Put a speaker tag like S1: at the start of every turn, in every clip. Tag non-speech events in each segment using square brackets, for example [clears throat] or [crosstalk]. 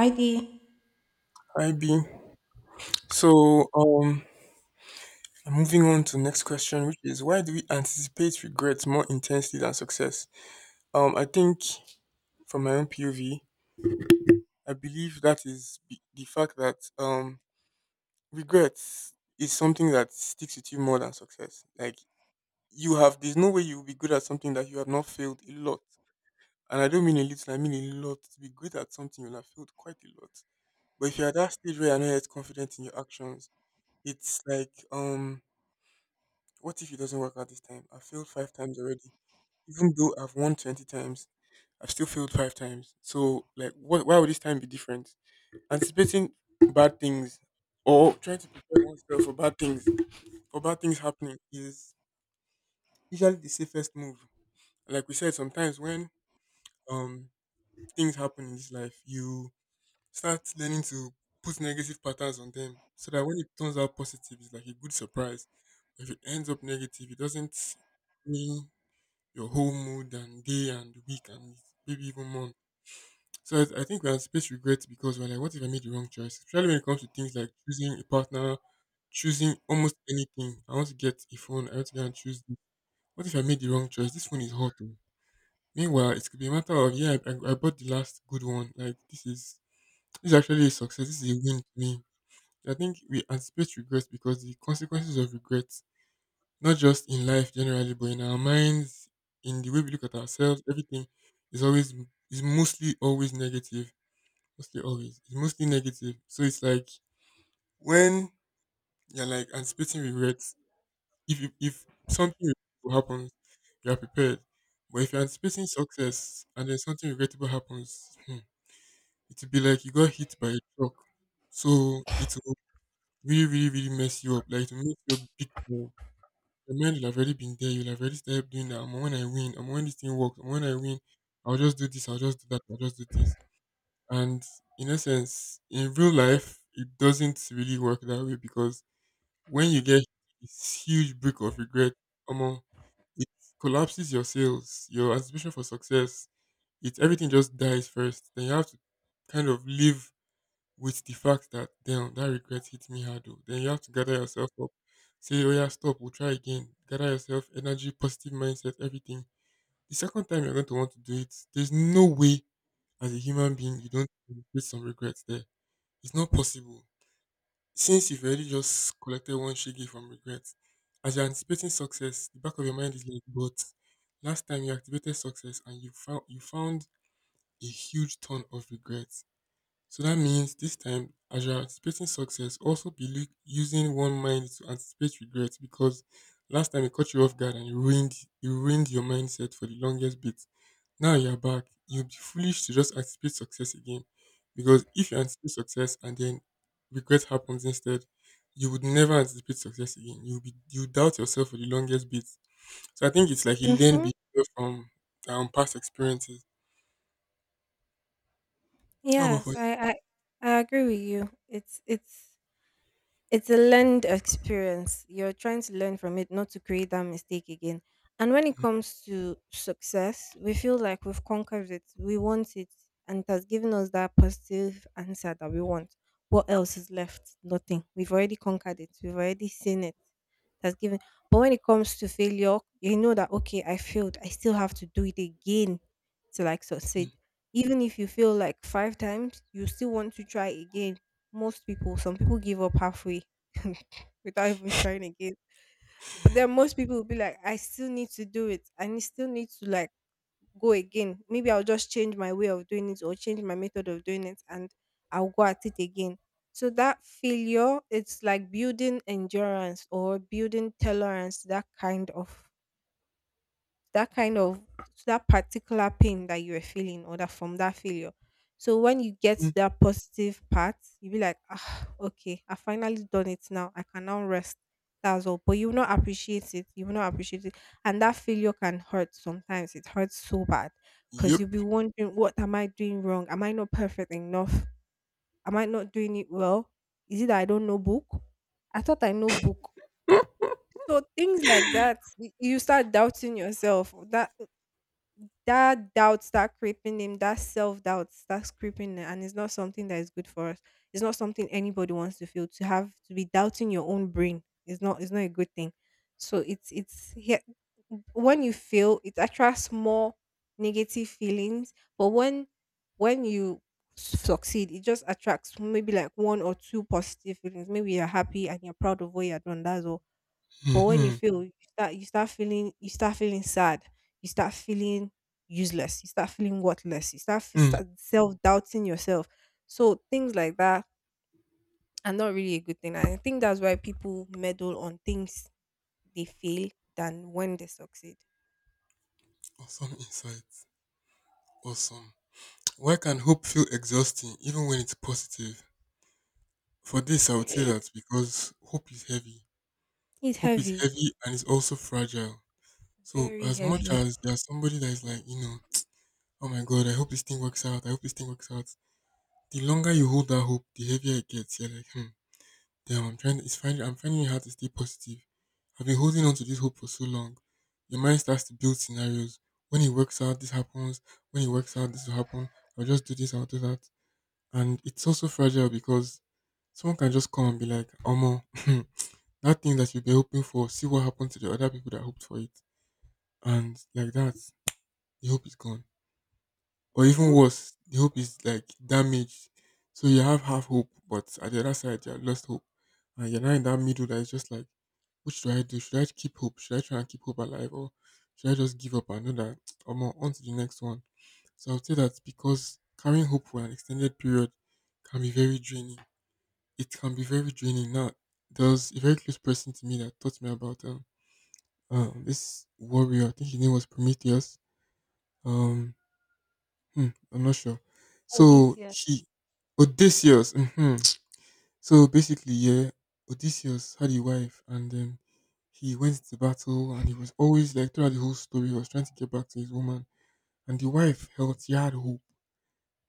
S1: ID.
S2: Ib. So, moving on to next question, which is why do we anticipate regrets more intensely than success? I think from my own POV, I believe that is the fact that regrets is something that sticks with you more than success. Like you have, there's no way you will be good at something that you have not failed a lot. And I don't mean a little, I mean a lot. To be good at something, you'll have failed quite a lot. But if you're at that stage where you're not yet confident in your actions, it's like what if it doesn't work out this time? I've failed five times already. Even though I've won 20 times, I've still failed five times. So, like, what, why would this time be different? Anticipating bad things or trying to prepare oneself for bad things happening is usually the safest move. Like we said, sometimes when um things happen in this life, you start learning to put negative patterns on them so that when it turns out positive, it's like a good surprise. If it ends up negative, it doesn't really your whole mood and day and week and maybe even month. So I think we anticipate regrets because we're like, what if I made the wrong choice? Especially when it comes to things like choosing a partner, choosing almost anything. I want to get a phone. I want to go and choose this. What if I made the wrong choice? This phone is hot. Oh. Meanwhile, it could be a matter of yeah, I bought the last good one. Like this is actually a success. This is a win to me. I think we anticipate regrets because the consequences of regret not just in life generally, but in our minds, in the way we look at ourselves, everything is always is mostly always negative. Mostly always. It's mostly negative. So it's like when you're like anticipating regrets, if something regrettable happens, you are prepared. But if you're anticipating success and then something regrettable happens, hmm, it will be like you got hit by a truck. So it will really, really, really mess you up. Like it will make you a big time. Your mind will have already been there. You'll have already started doing that. And when I win, and when this thing works, and when I win, I'll just do this. I'll just do that. I'll just do this. And in essence, in real life, it doesn't really work that way because when you get this huge break of regret, um, it collapses your sales, your anticipation for success. It everything just dies first. Then you have to kind of live with the fact that damn that regret hit me hard though. Then you have to gather yourself up, say, oh yeah, stop, we'll try again. Gather yourself, energy, positive mindset, everything. The second time you're going to want to do it, there's no way as a human being you don't feel some regrets there. It's not possible. Since you've already just collected one shiggy from regrets, as you're anticipating success, the back of your mind is like, but last time you activated success and you found a huge ton of regrets, so that means this time, as you're anticipating success, also be look, using one mind to anticipate regret because last time it caught you off guard and it ruined your mindset for the longest bit. Now you're back. You'd be foolish to just anticipate success again because if you anticipate success and then regret happens instead, you would never anticipate success again. You'll be you doubt yourself for the longest bit. So I think it's like a learned
S1: Mhm.
S2: behavior from past experiences. How about for
S1: Yes,
S2: you?
S1: I agree with you. It's a learned experience. You're trying to learn from it, not to create that mistake again. And when it comes to success, we feel like we've conquered it. We want it, and it has given us that positive answer that we want. What else is left? Nothing. We've already conquered it. We've already seen it. That's given. But when it comes to failure, you know that okay, I failed. I still have to do it again to like
S2: Mm,
S1: succeed. Even if you fail like five times, you still want to try again most people, some people give up halfway [laughs] without even trying again. But then most people will be like, I still need to do it. I still need to like go again. Maybe I'll just change my way of doing it or change my method of doing it and I'll go at it again. So that failure, it's like building endurance or building tolerance, that kind of that particular pain that you were feeling or that from that failure. So when you get
S2: mm,
S1: to that positive part, you be like, ah, okay, I finally done it now. I can now rest. That's all. But you will not appreciate it. You will not appreciate it. And that failure can hurt sometimes. It hurts so bad. Because you'll
S2: yep.
S1: be wondering, what am I doing wrong? Am I not perfect enough? Am I not doing it well? Is it that I don't know book? I thought I know book. So things like that, you start doubting yourself. That that doubt start creeping in. That self doubt starts creeping in, and it's not something that is good for us. It's not something anybody wants to feel. To have to be doubting your own brain is not, it's not a good thing. So it's here when you feel it attracts more negative feelings, but when you succeed, it just attracts maybe like one or two positive feelings. Maybe you're happy and you're proud of what you're done. That's all but when
S2: Hmm.
S1: you fail, you start feeling sad. You start feeling useless. You start feeling worthless. You start self doubting yourself. So things like that are not really a good thing. And I think that's why people meddle on things they fail than when they succeed.
S2: Awesome insights. Awesome. Why can hope feel exhausting even when it's positive? For this, I would say that
S1: [clears throat]
S2: because hope is heavy.
S1: It's
S2: Hope is
S1: heavy,
S2: heavy and it's also fragile. So,
S1: very
S2: as much
S1: heavy.
S2: as there's somebody that is like, you know, oh my God, I hope this thing works out. I hope this thing works out. The longer you hold that hope, the heavier it gets. You're like, hmm, damn, I'm trying. It's finding. I'm finding it hard to stay positive. I've been holding on to this hope for so long. Your mind starts to build scenarios. When it works out, this happens. When it works out, this will happen. I'll just do this. I'll do that. And it's also fragile because someone can just come and be like, Omo, [laughs] that thing that you've been hoping for, see what happened to the other people that hoped for it. And like that, the hope is gone. Or even
S1: hmm
S2: worse, the hope is like damaged. So you have half hope, but at the other side, you have lost hope. And you're now in that middle that is just like, what should I do? Should I keep hope? Should I try and keep hope alive? Or should I just give up and know that [tsk] I'm on to the next one? So I would say that because carrying hope for an extended period can be very draining, it can be very draining. Now, there was a very close person to me that taught me about this warrior. I think his name was Prometheus. Um, hmm, I'm not sure.
S1: Oh,
S2: So
S1: this year.
S2: he Odysseus. Hmm. So basically, yeah, Odysseus had a wife, and then he went to battle, and he was always like throughout the whole story, he was trying to get back to his woman, and the wife held he had hope.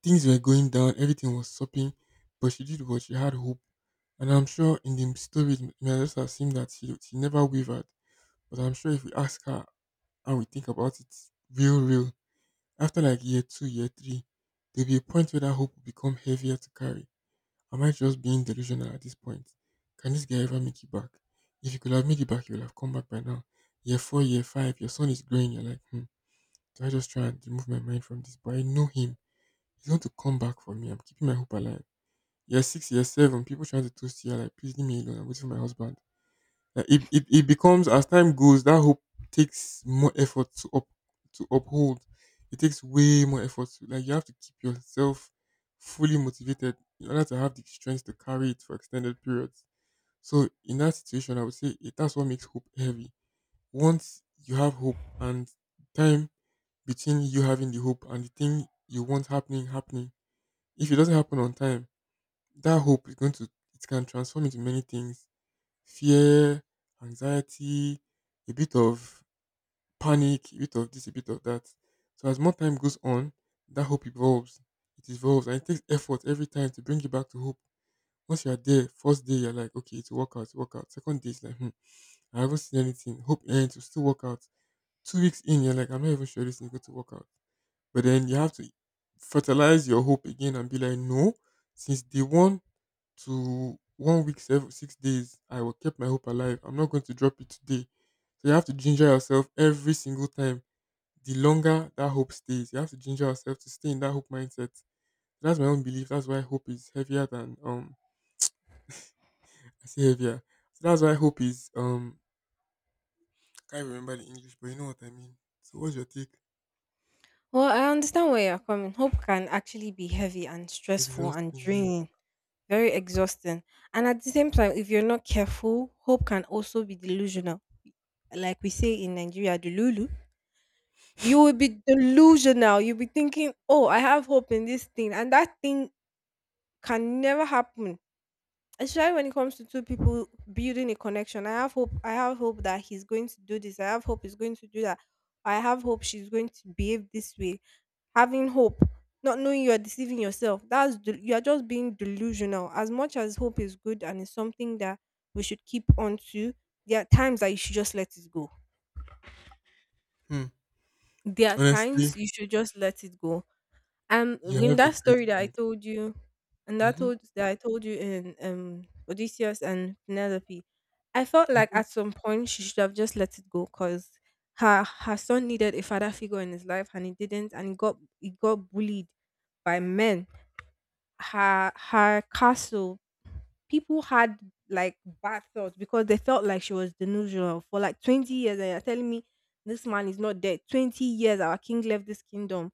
S2: Things were going down, everything was sopping, but she did what she had hope. And I'm sure in the story, it may just have seemed that she never wavered. But I'm sure if we ask her and we think about it real, real, after like year two, year three, there'll be a point where that hope will become heavier to carry. Am I just being delusional at this point? Can this guy ever make it back? If he could have made it back, he would have come back by now. Year four, year five, your son is growing. You're like, hmm, do I just try and remove my mind from this? But I know him. He's going to come back for me. I'm keeping my hope alive. Year six, year seven. People trying to toast you. You're like, please leave me alone. I'm waiting for my husband. Like it becomes as time goes, that hope takes more effort to up to uphold. It takes way more effort. To, like you have to keep yourself fully motivated in order to have the strength to carry it for extended periods. So in that situation, I would say it, that's what makes hope heavy. Once you have hope and time between you having the hope and the thing you want happening happening, if it doesn't happen on time, that hope is going to it can transform into many things, fear, anxiety, a bit of panic, a bit of this, a bit of that. So as more time goes on, that hope evolves. It evolves and it takes effort every time to bring you back to hope. Once you're there, first day you're like okay it's a workout it's work out. Second day it's like hmm, I haven't seen anything, hope ends will still work out. 2 weeks in you're like I'm not even sure this is going to work out. But then you have to fertilize your hope again and be like no, since day one to 1 week, seven, 6 days, I will keep my hope alive. I'm not going to drop it today. So you have to ginger yourself every single time. The longer that hope stays, you have to ginger yourself to stay in that hope mindset. That's my own belief. That's why hope is heavier than I say heavier. So that's why hope is I can't remember the English, but you know what I mean. So what's your take?
S1: Well, I understand where you're coming. Hope can actually be heavy and stressful and
S2: Exhausting, yeah.
S1: draining. Very exhausting. And at the same time, if you're not careful, hope can also be delusional. Like we say in Nigeria, delulu. You will be delusional. You'll be thinking, oh, I have hope in this thing. And that thing can never happen especially when it comes to two people building a connection. I have hope. I have hope that he's going to do this. I have hope he's going to do that. I have hope she's going to behave this way. Having hope, not knowing you are deceiving yourself. You are just being delusional. As much as hope is good and is something that we should keep on to, there are times that you should just let it go.
S2: Hmm.
S1: There are times
S2: Honestly,
S1: you should just let it go. And
S2: you
S1: in
S2: have a
S1: that
S2: great
S1: story that I
S2: point.
S1: told you, and that
S2: Mm-hmm.
S1: told that I told you in Odysseus and Penelope, I felt like
S2: Mm-hmm.
S1: at some point she should have just let it go because her son needed a father figure in his life and he didn't, and he got bullied by men. Her castle people had like bad thoughts because they felt like she was delusional for like 20 years, and you're telling me this man is not dead. 20 years, our king left this kingdom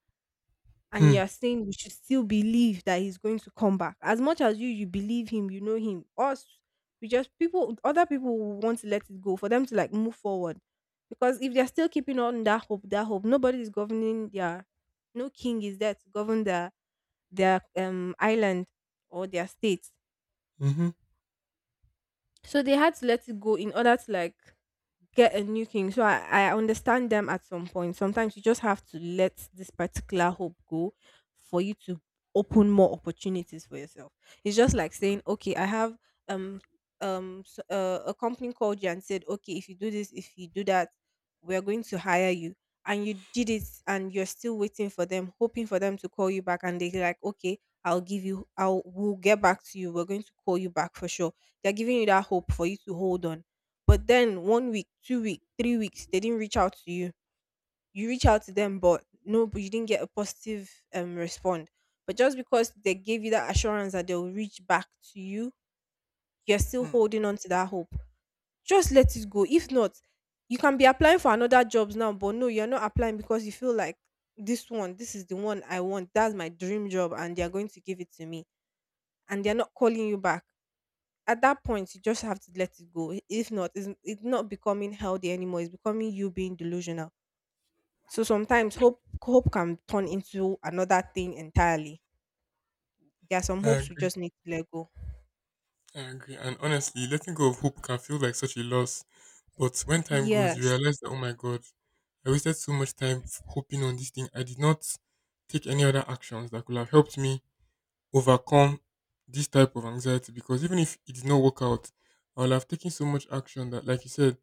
S1: and
S2: Hmm.
S1: you're saying you should still believe that he's going to come back. As much as you believe him, you know him. Us, we just people other people will want to let it go for them to like move forward. Because if they're still keeping on that hope, nobody is governing their no king is there to govern their island or their state.
S2: Mm-hmm.
S1: So they had to let it go in order to like get a new king. So I understand them at some point. Sometimes you just have to let this particular hope go for you to open more opportunities for yourself. It's just like saying, okay, I have um a company called you and said, okay, if you do this, if you do that, we are going to hire you. And you did it, and you're still waiting for them, hoping for them to call you back. And they're like, okay, I'll give you, I'll, we'll get back to you. We're going to call you back for sure. They're giving you that hope for you to hold on but then 1 week, 2 week, 3 weeks, they didn't reach out to you. You reach out to them, but no, but you didn't get a positive respond. But just because they gave you that assurance that they'll reach back to you, you're still
S2: Hmm.
S1: holding on to that hope. Just let it go. If not, you can be applying for another jobs now, but no, you're not applying because you feel like this one, this is the one I want. That's my dream job, and they're going to give it to me. And they're not calling you back at that point you just have to let it go if not it's not becoming healthy anymore, it's becoming you being delusional. So sometimes hope can turn into another thing entirely. There are some
S2: I
S1: hopes we
S2: agree.
S1: just need to let go.
S2: I agree. And honestly, letting go of hope can feel like such a loss. But when time goes, you
S1: Yes.
S2: realize that, oh my God, I wasted so much time hoping on this thing. I did not take any other actions that could have helped me overcome this type of anxiety because even if it did not work out, I would have taken so much action that, like you said,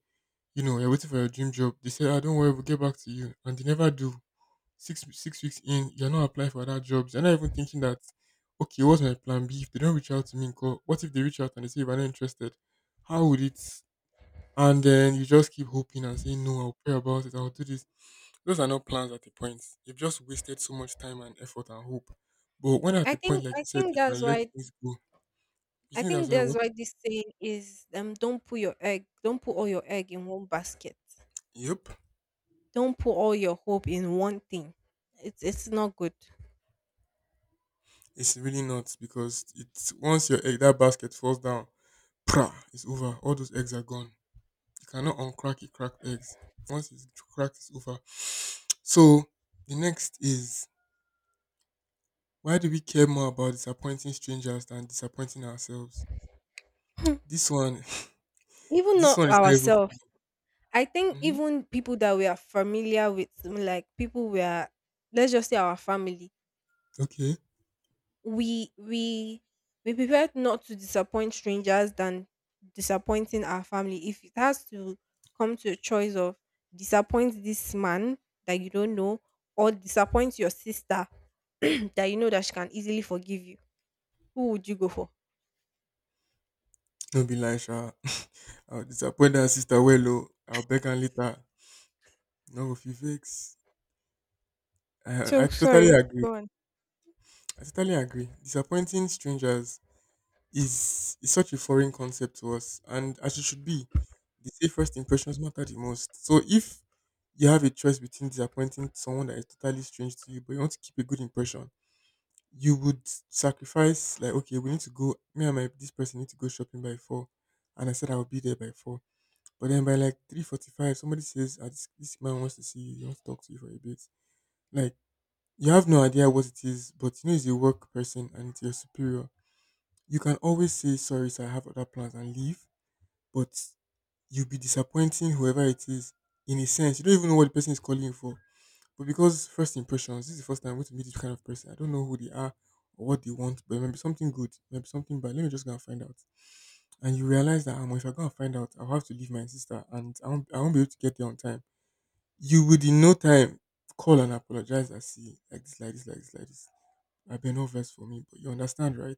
S2: you know, you're waiting for your dream job. They say, I don't worry, we'll get back to you. And they never do. Six weeks in, you're not applying for other jobs. You're not even thinking that, okay, what's my plan B? If they don't reach out to me, call. What if they reach out and they say if I'm not interested? How would it? And then you just keep hoping and saying no. I'll pray about it. I'll do this. Those are not plans at the point. You've just wasted so much time and effort and hope. But when at
S1: I
S2: the point,
S1: think
S2: like you
S1: I
S2: said,
S1: think
S2: you
S1: that's
S2: can let
S1: why
S2: things go. You
S1: I
S2: think that's
S1: think
S2: why
S1: that's
S2: what?
S1: why this saying is don't put all your egg in one basket.
S2: Yep,
S1: Don't put all your hope in one thing. It's not good. [laughs]
S2: it's really not because it's once your egg that basket falls down, pra, it's over. All those eggs are gone. You cannot uncrack a cracked eggs. Once it's cracked, it's over. So the next is, why do we care more about disappointing strangers than disappointing ourselves?
S1: Hmm.
S2: This one, [laughs]
S1: Even
S2: this
S1: not
S2: one is not even.
S1: ourselves. I think
S2: Mhm.
S1: even people that we are familiar with, like people we are, let's just say our family,
S2: Okay,
S1: we we we prefer not to disappoint strangers than disappointing our family. If it has to come to a choice of disappoint this man that you don't know or disappoint your sister [clears throat] that you know that she can easily forgive you, who would you go for?
S2: don't be lying, Sha. [laughs] I'll disappoint that sister well, oh. I'll beg her later. No, if you vex, I
S1: So
S2: totally
S1: sorry,
S2: agree.
S1: go on.
S2: I totally agree. Disappointing strangers is such a foreign concept to us, and as it should be. They say first impressions matter the most. So if you have a choice between disappointing someone that is totally strange to you, but you want to keep a good impression, you would sacrifice like, okay, we need to go. Me and my this person need to go shopping by 4, and I said I will be there by 4. But then by like 3:45, somebody says, ah, this, "This man wants to see you. He wants to talk to you for a bit." Like, you have no idea what it is, but you know he's a work person and it's your superior. You can always say, sorry, sir, I have other plans and leave, but you'll be disappointing whoever it is in a sense. You don't even know what the person is calling you for. But because first impressions, this is the first time I'm going to meet this kind of person. I don't know who they are or what they want, but maybe something good, maybe something bad. Let me just go and find out. And you realize that, if I go and find out, I'll have to leave my sister, and I won't be able to get there on time. You would in no time call and apologize and see, like this, like this, like this, like this. I've been no verse for me, but you understand, right?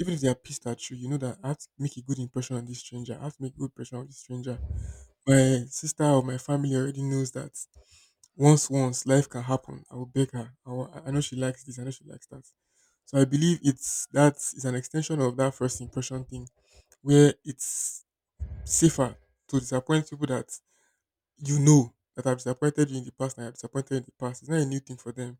S2: Even if they are pissed at you, you know that I have to make a good impression on this stranger. I have to make a good impression on this stranger. My sister or my family already knows that once life can happen. I will beg her. I, will, I know she likes this. I know she likes that. So I believe it's that is an extension of that first impression thing, where it's safer to disappoint people that you know that have disappointed you in the past and have disappointed you in the past. It's not a new thing for them.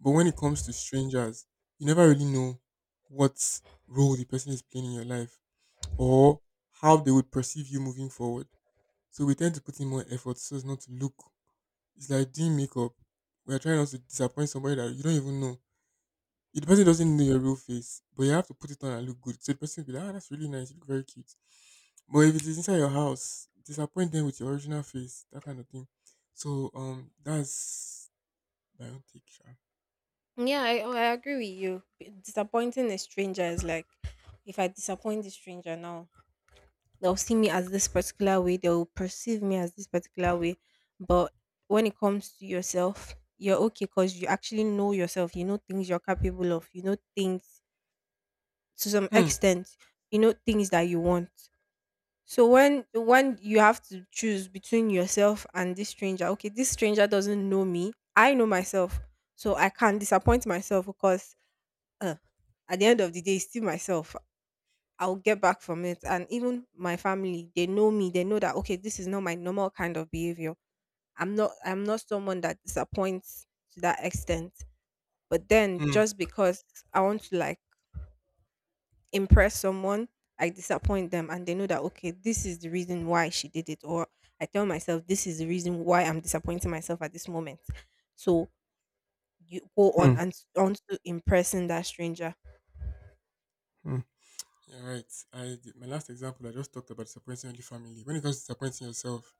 S2: But when it comes to strangers, you never really know what role the person is playing in your life, or how they would perceive you moving forward. So we tend to put in more effort so as not to look. It's like doing makeup. We're trying not to disappoint somebody that you don't even know. If the person doesn't know your real face, but you have to put it on and look good. So the person will be like, ah, that's really nice. You look very cute. But if it is inside your house, disappoint them with your original face, that kind of thing. So that's my own take, Sha.
S1: Yeah, I agree with you. Disappointing a stranger is like if I disappoint the stranger now, they'll see me as this particular way, they'll perceive me as this particular way. But when it comes to yourself, you're okay because you actually know yourself. You know things you're capable of. You know things to some
S2: Hmm.
S1: extent. You know things that you want. So when you have to choose between yourself and this stranger, okay, this stranger doesn't know me. I know myself, so I can't disappoint myself because uh, at the end of the day, it's still myself. I'll get back from it. And even my family, they know me. They know that okay, this is not my normal kind of behavior. I'm not someone that disappoints to that extent. But then
S2: Hmm.
S1: just because I want to like impress someone, I disappoint them and they know that okay, this is the reason why she did it or I tell myself this is the reason why I'm disappointing myself at this moment. So you go on
S2: Hmm.
S1: and on to impressing that stranger.
S2: Hmm. Yeah, right. My last example, I just talked about disappointing the family. When it comes to disappointing yourself,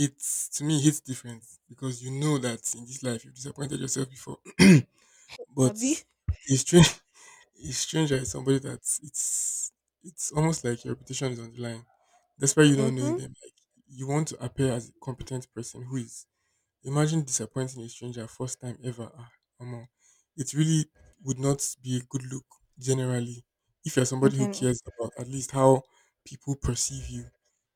S2: it's, to me, it hits different because you know that in this life you've disappointed yourself before. [clears throat] But
S1: Abby.
S2: a strange [laughs] a stranger is somebody that it's almost like your reputation is on the line. That's why you don't knowing
S1: Mm-hmm.
S2: them. Like, you want to appear as a competent person who is. Imagine disappointing a stranger first time ever. Ah, omo, it really would not be a good look generally. If you're somebody who
S1: Jen.
S2: cares about at least how people perceive you,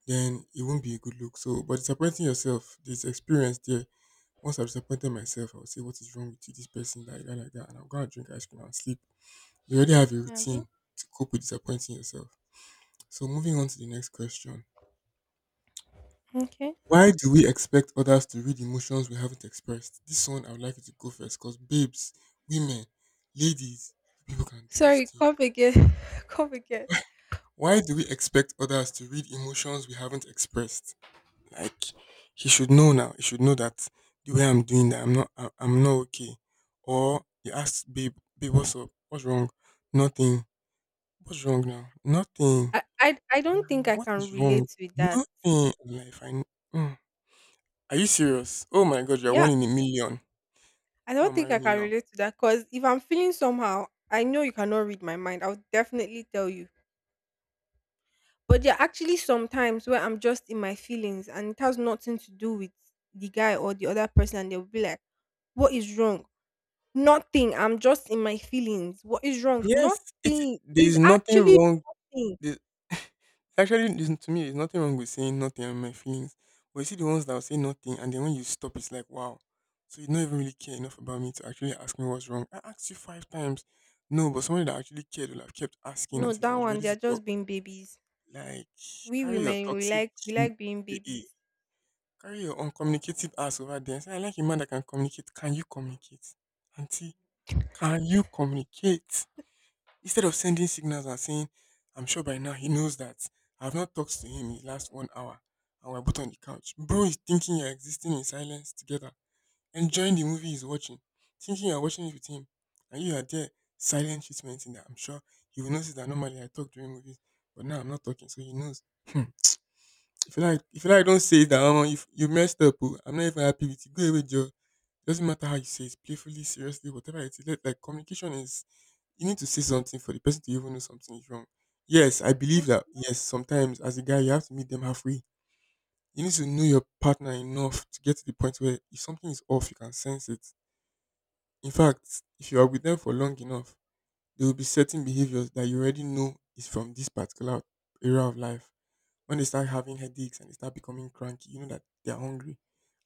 S2: then it won't be a good look. So, but disappointing yourself, there's experience there. Once I've disappointed myself, I'll say, "What is wrong with you? This person, like that, like that." And I'm going to drink ice cream and sleep. You already have a
S1: Abby.
S2: routine to cope with disappointing yourself. So, moving on to the next question.
S1: Okay.
S2: Why do we expect others to read emotions we haven't expressed? This one, I would like you to go first because babes, women, ladies, you people can do this
S1: Sorry,
S2: thing.
S1: come again. [laughs] Come again.
S2: Why do we expect others to read emotions we haven't expressed? Like, he should know now. He should know that the way I'm doing that, I'm not okay. Or you ask, babe, babe, what's up? What's wrong? Nothing. What's wrong now? Nothing.
S1: I don't think I
S2: What is
S1: can
S2: wrong?
S1: relate with that.
S2: Nothing. Life. I. Mm. Are you serious? Oh my God, you're one
S1: Yeah,
S2: in a million.
S1: I
S2: Come
S1: don't
S2: and
S1: think
S2: marry
S1: I
S2: me
S1: can
S2: now.
S1: relate to that because if I'm feeling somehow, I know you cannot read my mind. I'll definitely tell you. But there are actually some times where I'm just in my feelings and it has nothing to do with the guy or the other person. And they'll be like, "What is wrong? Nothing. I'm just in my feelings. What is wrong?
S2: Yes, it
S1: Nothing."
S2: there's
S1: Is
S2: nothing
S1: actually
S2: wrong.
S1: nothing.
S2: The, [laughs] actually, to me, there's nothing wrong with saying nothing and my feelings. But you see the ones that will say nothing, and then when you stop, it's like, wow. So you don't even really care enough about me to actually ask me what's wrong. I asked you five times. No, but somebody that actually cared will have kept asking
S1: No,
S2: until I
S1: that
S2: was
S1: one,
S2: ready
S1: they're
S2: to talk.
S1: just being babies.
S2: Like,
S1: We
S2: carry your
S1: women,
S2: toxic,
S1: we
S2: mm,
S1: like being
S2: eh, eh,
S1: babies.
S2: carry your uncommunicative ass over there, and say I like a man that can communicate. Can you communicate, auntie? Can you communicate? Instead of sending signals and saying, I'm sure by now he knows that I've not talked to him in the last 1 hour and we're both on the couch. Bro is thinking you're existing in silence together, enjoying the movie he's watching, thinking you're watching it with him, and you are there, silent treatment in that. I'm sure he will notice that normally I talk during movies, but now I'm not talking, so he knows. Hmm. If you like, don't say that, Mama. You messed up, oh. I'm not even happy with you. Go away, Joe. Doesn't matter how you say it, playfully, seriously, whatever it is. Let, like, communication is, you need to say something for the person to even know something is wrong. Yes, I believe
S1: Oh,
S2: that. Yes, sometimes as a guy, you have to meet them halfway. You need to know your partner enough to get to the point where if something is off, you can sense it. In fact, if you are with them for long enough, there will be certain behaviors that you already know is from this particular era of life. When they start having headaches and they start becoming cranky, you know that they are hungry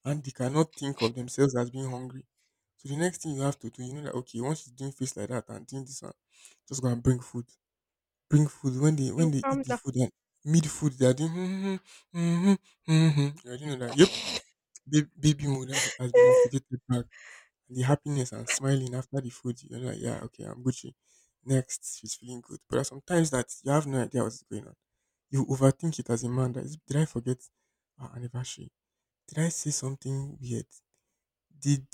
S2: and they cannot think of themselves as being hungry. So the next thing you have to do, you know that, okay, once she's doing face like that and doing this one, just go and bring food when
S1: you
S2: they eat
S1: calm
S2: the
S1: down.
S2: food, and mid food they are doing mm-hmm, mm-hmm, mm-hmm. You already know that. Yep, baby mode has been
S1: [laughs]
S2: activated back. The happiness and smiling after the food, you're like, yeah, okay, I'm Gucci. Next, she's feeling good. But there are sometimes that you have no idea what's going on. You overthink it as a man. That is, did I forget our anniversary? Did I say something weird? Did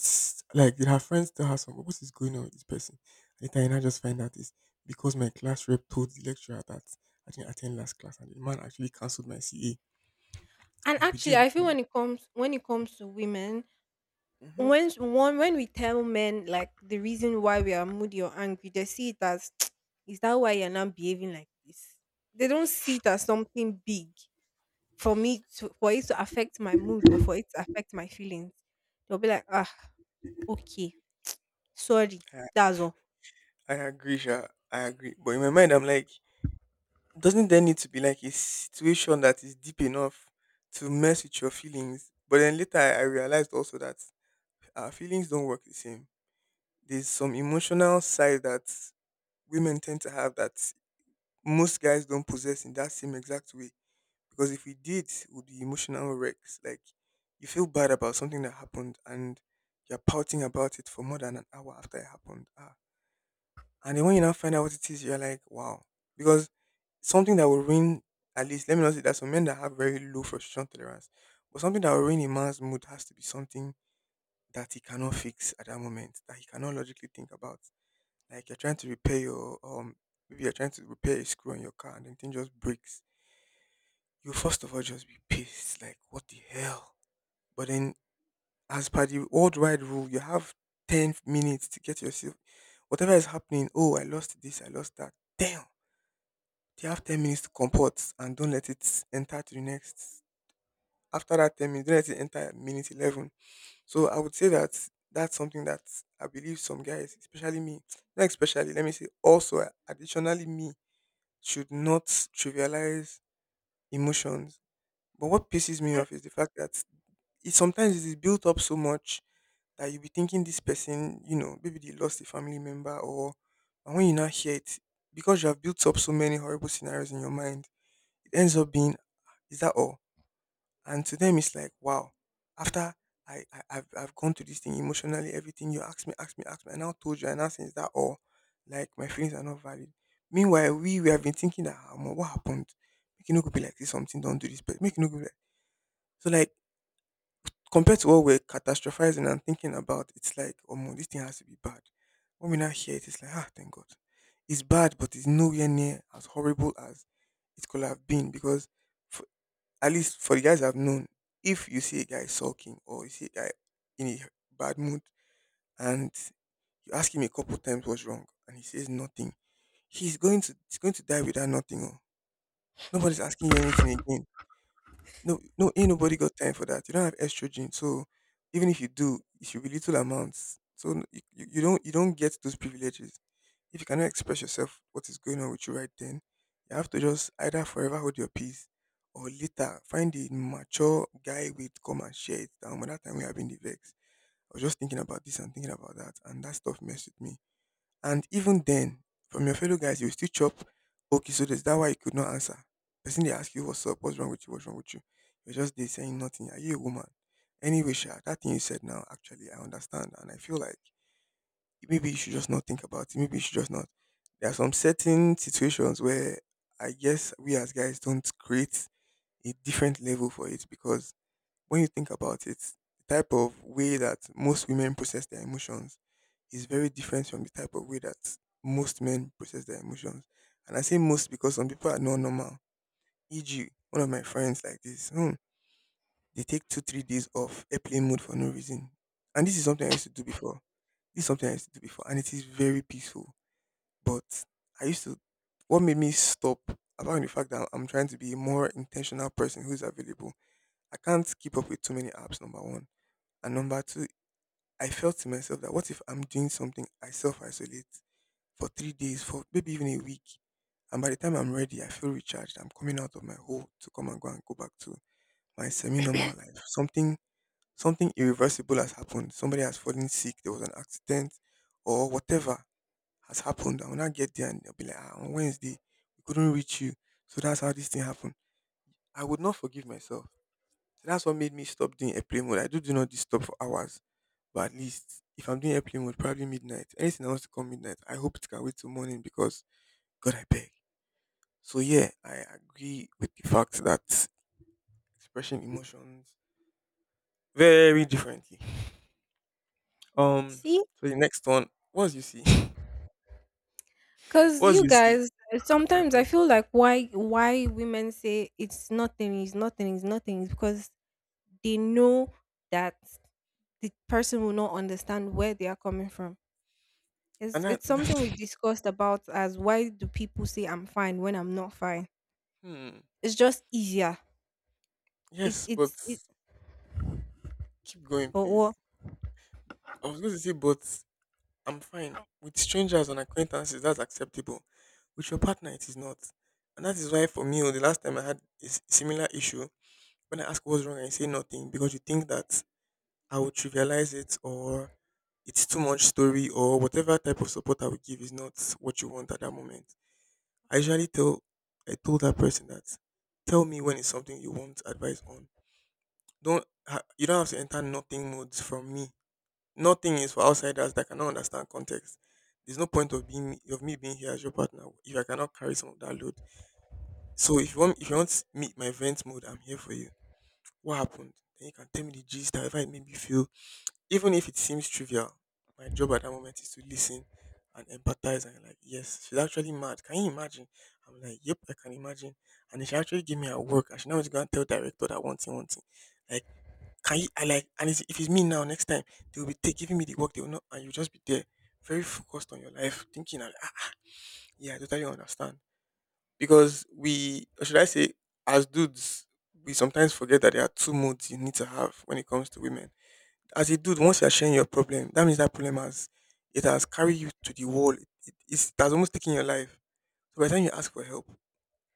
S2: like, did her friends tell her something? What is going on with this person? Later, and I just find out is because my class rep told the lecturer that I didn't attend last class, and the man actually cancelled my CA.
S1: And
S2: You'll be there
S1: actually, I feel
S2: looking at,
S1: when it comes to women,
S2: hmm.
S1: when one when we tell men like the reason why we are moody or angry, they see it as [tsk] is that why you're not behaving like this. They don't see it as something big for me to for it to affect my mood or for it to affect my feelings. They'll be like, ah, okay, sorry,
S2: I,
S1: that's all.
S2: I agree, Sha. I agree. But in my mind, I'm like, doesn't there need to be like a situation that is deep enough to mess with your feelings? But then later, I realized also that our feelings don't work the same. There's some emotional side that women tend to have that most guys don't possess in that same exact way. Because if we did, we'd be emotional wrecks. Like, you feel bad about something that happened and you're pouting about it for more than an hour after it happened. Ah. And then when you now find out what it is, you're like, wow. Because something that will ruin, at least let me not say that, some men that have very low frustration tolerance. But something that will ruin a man's mood has to be something that he cannot fix at that moment, that he cannot logically think about. Like you're trying to repair your maybe you're trying to repair a screw on your car and then thing just breaks you first of all just be pissed, like what the hell. But then, as per the old wide rule, you have 10 minutes to get yourself. Whatever is happening, oh, I lost this, I lost that. Damn, you have 10 minutes to comport and don't let it enter to the next. After that 10 minutes, don't let it enter at minute 11. So I would say that that's something that I believe some guys, especially me, not especially, let me say, also additionally me, should not trivialize emotions. But what pisses me
S1: And
S2: off is the fact that it sometimes it is built up so much that you'll be thinking this person, you know, maybe they lost a family member or and when you now hear it, because you have built up so many horrible scenarios in your mind, it ends up being, is that all? And to them it's like, wow, after I've gone through this thing emotionally, everything you asked me, and now told you, and now saying is that all? Like my feelings are not valid. Meanwhile, we have been thinking that, "Ah, omo, what happened? Make you no go be like this something, don't do this, but make you no go be like so like" compared to what we're catastrophizing and thinking about, it's like, oh, this thing has to be bad. When we now hear it, it's like, ah, thank God. It's bad, but it's nowhere near as horrible as it could have been because, for, at least for the guys I've known, if you see a guy sulking or you see a guy in a bad mood and you ask him a couple times what's wrong and he says nothing, he's going to die without nothing. Oh. Nobody's asking you anything again, no, no, ain't nobody got time for that. You don't have estrogen, so even if you do, it should be little amounts. So you don't you don't get those privileges if you cannot express yourself. What is going on with you right then? You have to just either forever hold your peace, or later find a mature guy with come and share it down. When that time we have been the vex, I was just thinking about this and thinking about that, and that stuff messed with me. And even then, from your fellow guys, you still chop. Okay, so that's that why you could not answer? Person they ask you what's up, what's wrong with you, what's wrong with you. You're just there saying nothing. Are you a woman? Anyway, Sha, that thing you said now, actually, I understand. And I feel like maybe you should just not think about it. Maybe you should just not. There are some certain situations where I guess we as guys don't create a different level for it because when you think about it, the type of way that most women process their emotions is very different from the type of way that most men process their emotions. And I say most because some people are not normal. E.g., one of my friends like this, hmm, they take two, 3 days off airplane mode for no reason. And this is something I used to do before. This is something I used to do before, and it is very peaceful. But I used to, what made me stop, apart from the fact that I'm trying to be a more intentional person who's available, I can't keep up with too many apps, number one. And number two, I felt to myself that what if I'm doing something, I self isolate for 3 days, for maybe even a week. And by the time I'm ready, I feel recharged. I'm coming out of my hole to come and go back to my semi normal life. Something irreversible has happened. Somebody has fallen sick, there was an accident, or whatever has happened. I will not get there and they'll be like, ah, on Wednesday, we couldn't reach you. So that's how this thing happened. I would not forgive myself. So that's what made me stop doing airplane mode. I do do not disturb for hours, but at least if I'm doing airplane mode, probably midnight. Anything else to come midnight, I hope it can wait till morning because God, I beg. So yeah, I agree with the fact that expressing emotions very differently. Um,
S1: see,
S2: so the next one, what's you see, [laughs]
S1: because
S2: what's
S1: you
S2: you see,
S1: guys eh,
S2: hmm
S1: sometimes I feel like why women say it's nothing is because they know that the person will not understand where they are coming from.
S2: and that,
S1: It's something we
S2: [laughs]
S1: discussed about as why do people say I'm fine when I'm not fine?
S2: hmm,
S1: It's just easier. It
S2: yes, but
S1: it's it
S2: keep going,
S1: But
S2: please.
S1: what?
S2: I was going to say, but I'm fine. With strangers and acquaintances, that's acceptable. With your partner, it is not. And that is why, for me, oh, the last time I had a similar issue, when I ask what's wrong and you say nothing, because you think that I will trivialize it or it's too much story or whatever type of support I will give is not what you want at that moment. I usually tell, I told that person that, tell me when it's something you want advice on. Don't, ha- you don't have to enter nothing modes from me. Nothing is for outsiders that cannot understand context. There's no point of being of me being here as your partner if I cannot carry some of that load. So if you want me my vent mode, I'm here for you. What happened? Then you can tell me the gist, however it made me feel. Even if it seems trivial, my job at that moment is to listen and empathize and like, yes, she's actually mad. Can you imagine? I'm like, yep, I can imagine. And then she actually gave me her work and she now is gonna tell director that one thing, one thing. Like can you? I like, and it's, if it's me now, next time they will be take, giving me the work. They will not, and you just be there, very focused on your life, thinking. And, ah, yeah, I totally understand. Because we, or should I say, as dudes, we sometimes forget that there are two modes you need to have when it comes to women. As a dude, once you are sharing your problem, that means that problem has it has carried you to the wall. It has almost taken your life. So by the time you ask for help,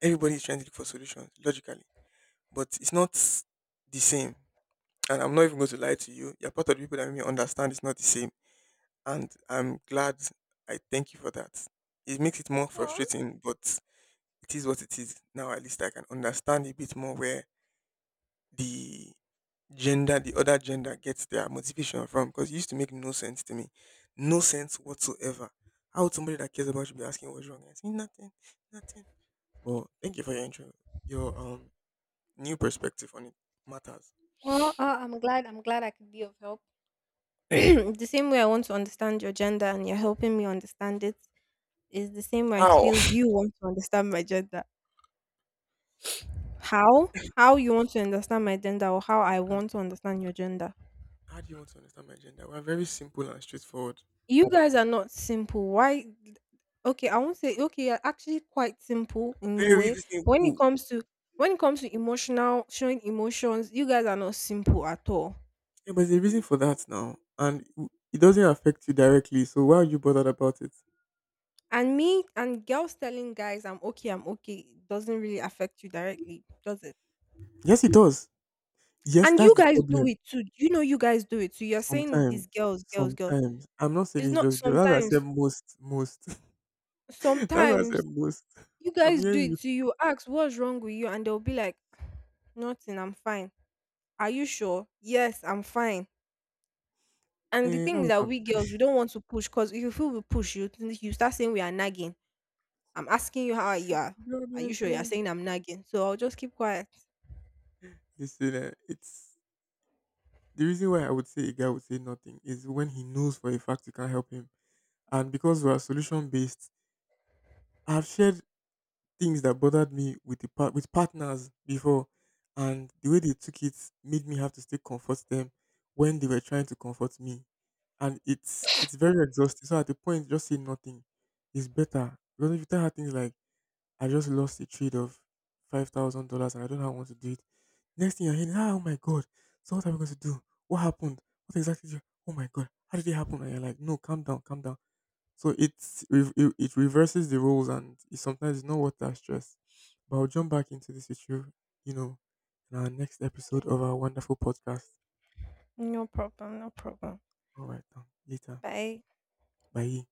S2: everybody is trying to look for solutions logically, but it's not the same. And I'm not even going to lie to you. You're part of the people that make me understand it's not the same. And I'm glad I thank you for that. It makes it more frustrating, but it is what it is. Now at least I can understand a bit more where the gender, the other gender gets their motivation from because it used to make no sense to me. No sense whatsoever. How would somebody that cares about you be asking what's wrong? I say nothing, nothing. But thank you for your intro. Your new perspective on it matters.
S1: Oh, I'm glad. I'm glad I could be of help. [clears throat] The same way I want to understand your gender and you're helping me understand it is the same way I
S2: How?
S1: feel you want to understand my gender. How? How you want to understand my gender or how I
S2: [laughs]
S1: want to understand your gender?
S2: How do you want to understand my gender? We're very simple and straightforward.
S1: You guys are not simple. Why? Okay, I won't say okay. You're actually quite simple in a
S2: Very
S1: way.
S2: really
S1: But when it
S2: simple.
S1: comes to when it comes to emotional showing emotions, you guys are not simple at all.
S2: Yeah, but there's a reason for that now. And it doesn't affect you directly. So why are you bothered about it?
S1: And me and girls telling guys I'm okay doesn't really affect you directly, does it?
S2: Yes, it does. Yes,
S1: And you
S2: that's the
S1: guys do
S2: problem.
S1: it too. You know you guys do it too. You're saying
S2: Sometimes.
S1: these girls, girls, girls.
S2: Sometimes. I'm not saying
S1: It's
S2: it's
S1: not
S2: just girls. That's what I said
S1: sometimes,
S2: most. Most. [laughs] That's what I said
S1: sometimes
S2: most.
S1: you
S2: I'm
S1: guys do
S2: hearing you.
S1: it too. You ask what's wrong with you and they'll be like, nothing, I'm fine. Are you sure? Yes, I'm fine. And the
S2: Eh,
S1: thing
S2: that's
S1: is
S2: what
S1: that
S2: I'm
S1: we girls
S2: saying.
S1: we don't want to push because if you feel we push you, you start saying we are nagging. I'm asking you how you are.
S2: [laughs] God,
S1: Are
S2: I
S1: you sure you're
S2: beg.
S1: saying I'm nagging? So I'll just keep quiet.
S2: Listen, eh, it's the reason why I would say a guy would say nothing is when he knows for a fact you can't help him. And because we are solution based, I've shared things that bothered me with the part with partners before, and the way they took it made me have to still comfort them when they were trying to comfort me, and it's very exhausting. So at the point, just say nothing is better because if you tell her things like, "I just lost a trade of $5,000 and I don't know how I want to do it," next thing you're hearing, "Ah," "Oh my god, so what are we going to do? What happened? What exactly? Did you, oh my god, how did it happen?" And you're like, "No, calm down, calm down." So it reverses the roles and it's sometimes it's not worth that stress. But I'll jump back into this with you, you know, in our next episode
S1: Yeah.
S2: of our wonderful podcast.
S1: No problem. No problem.
S2: All right, then. Later.
S1: Bye.
S2: Bye.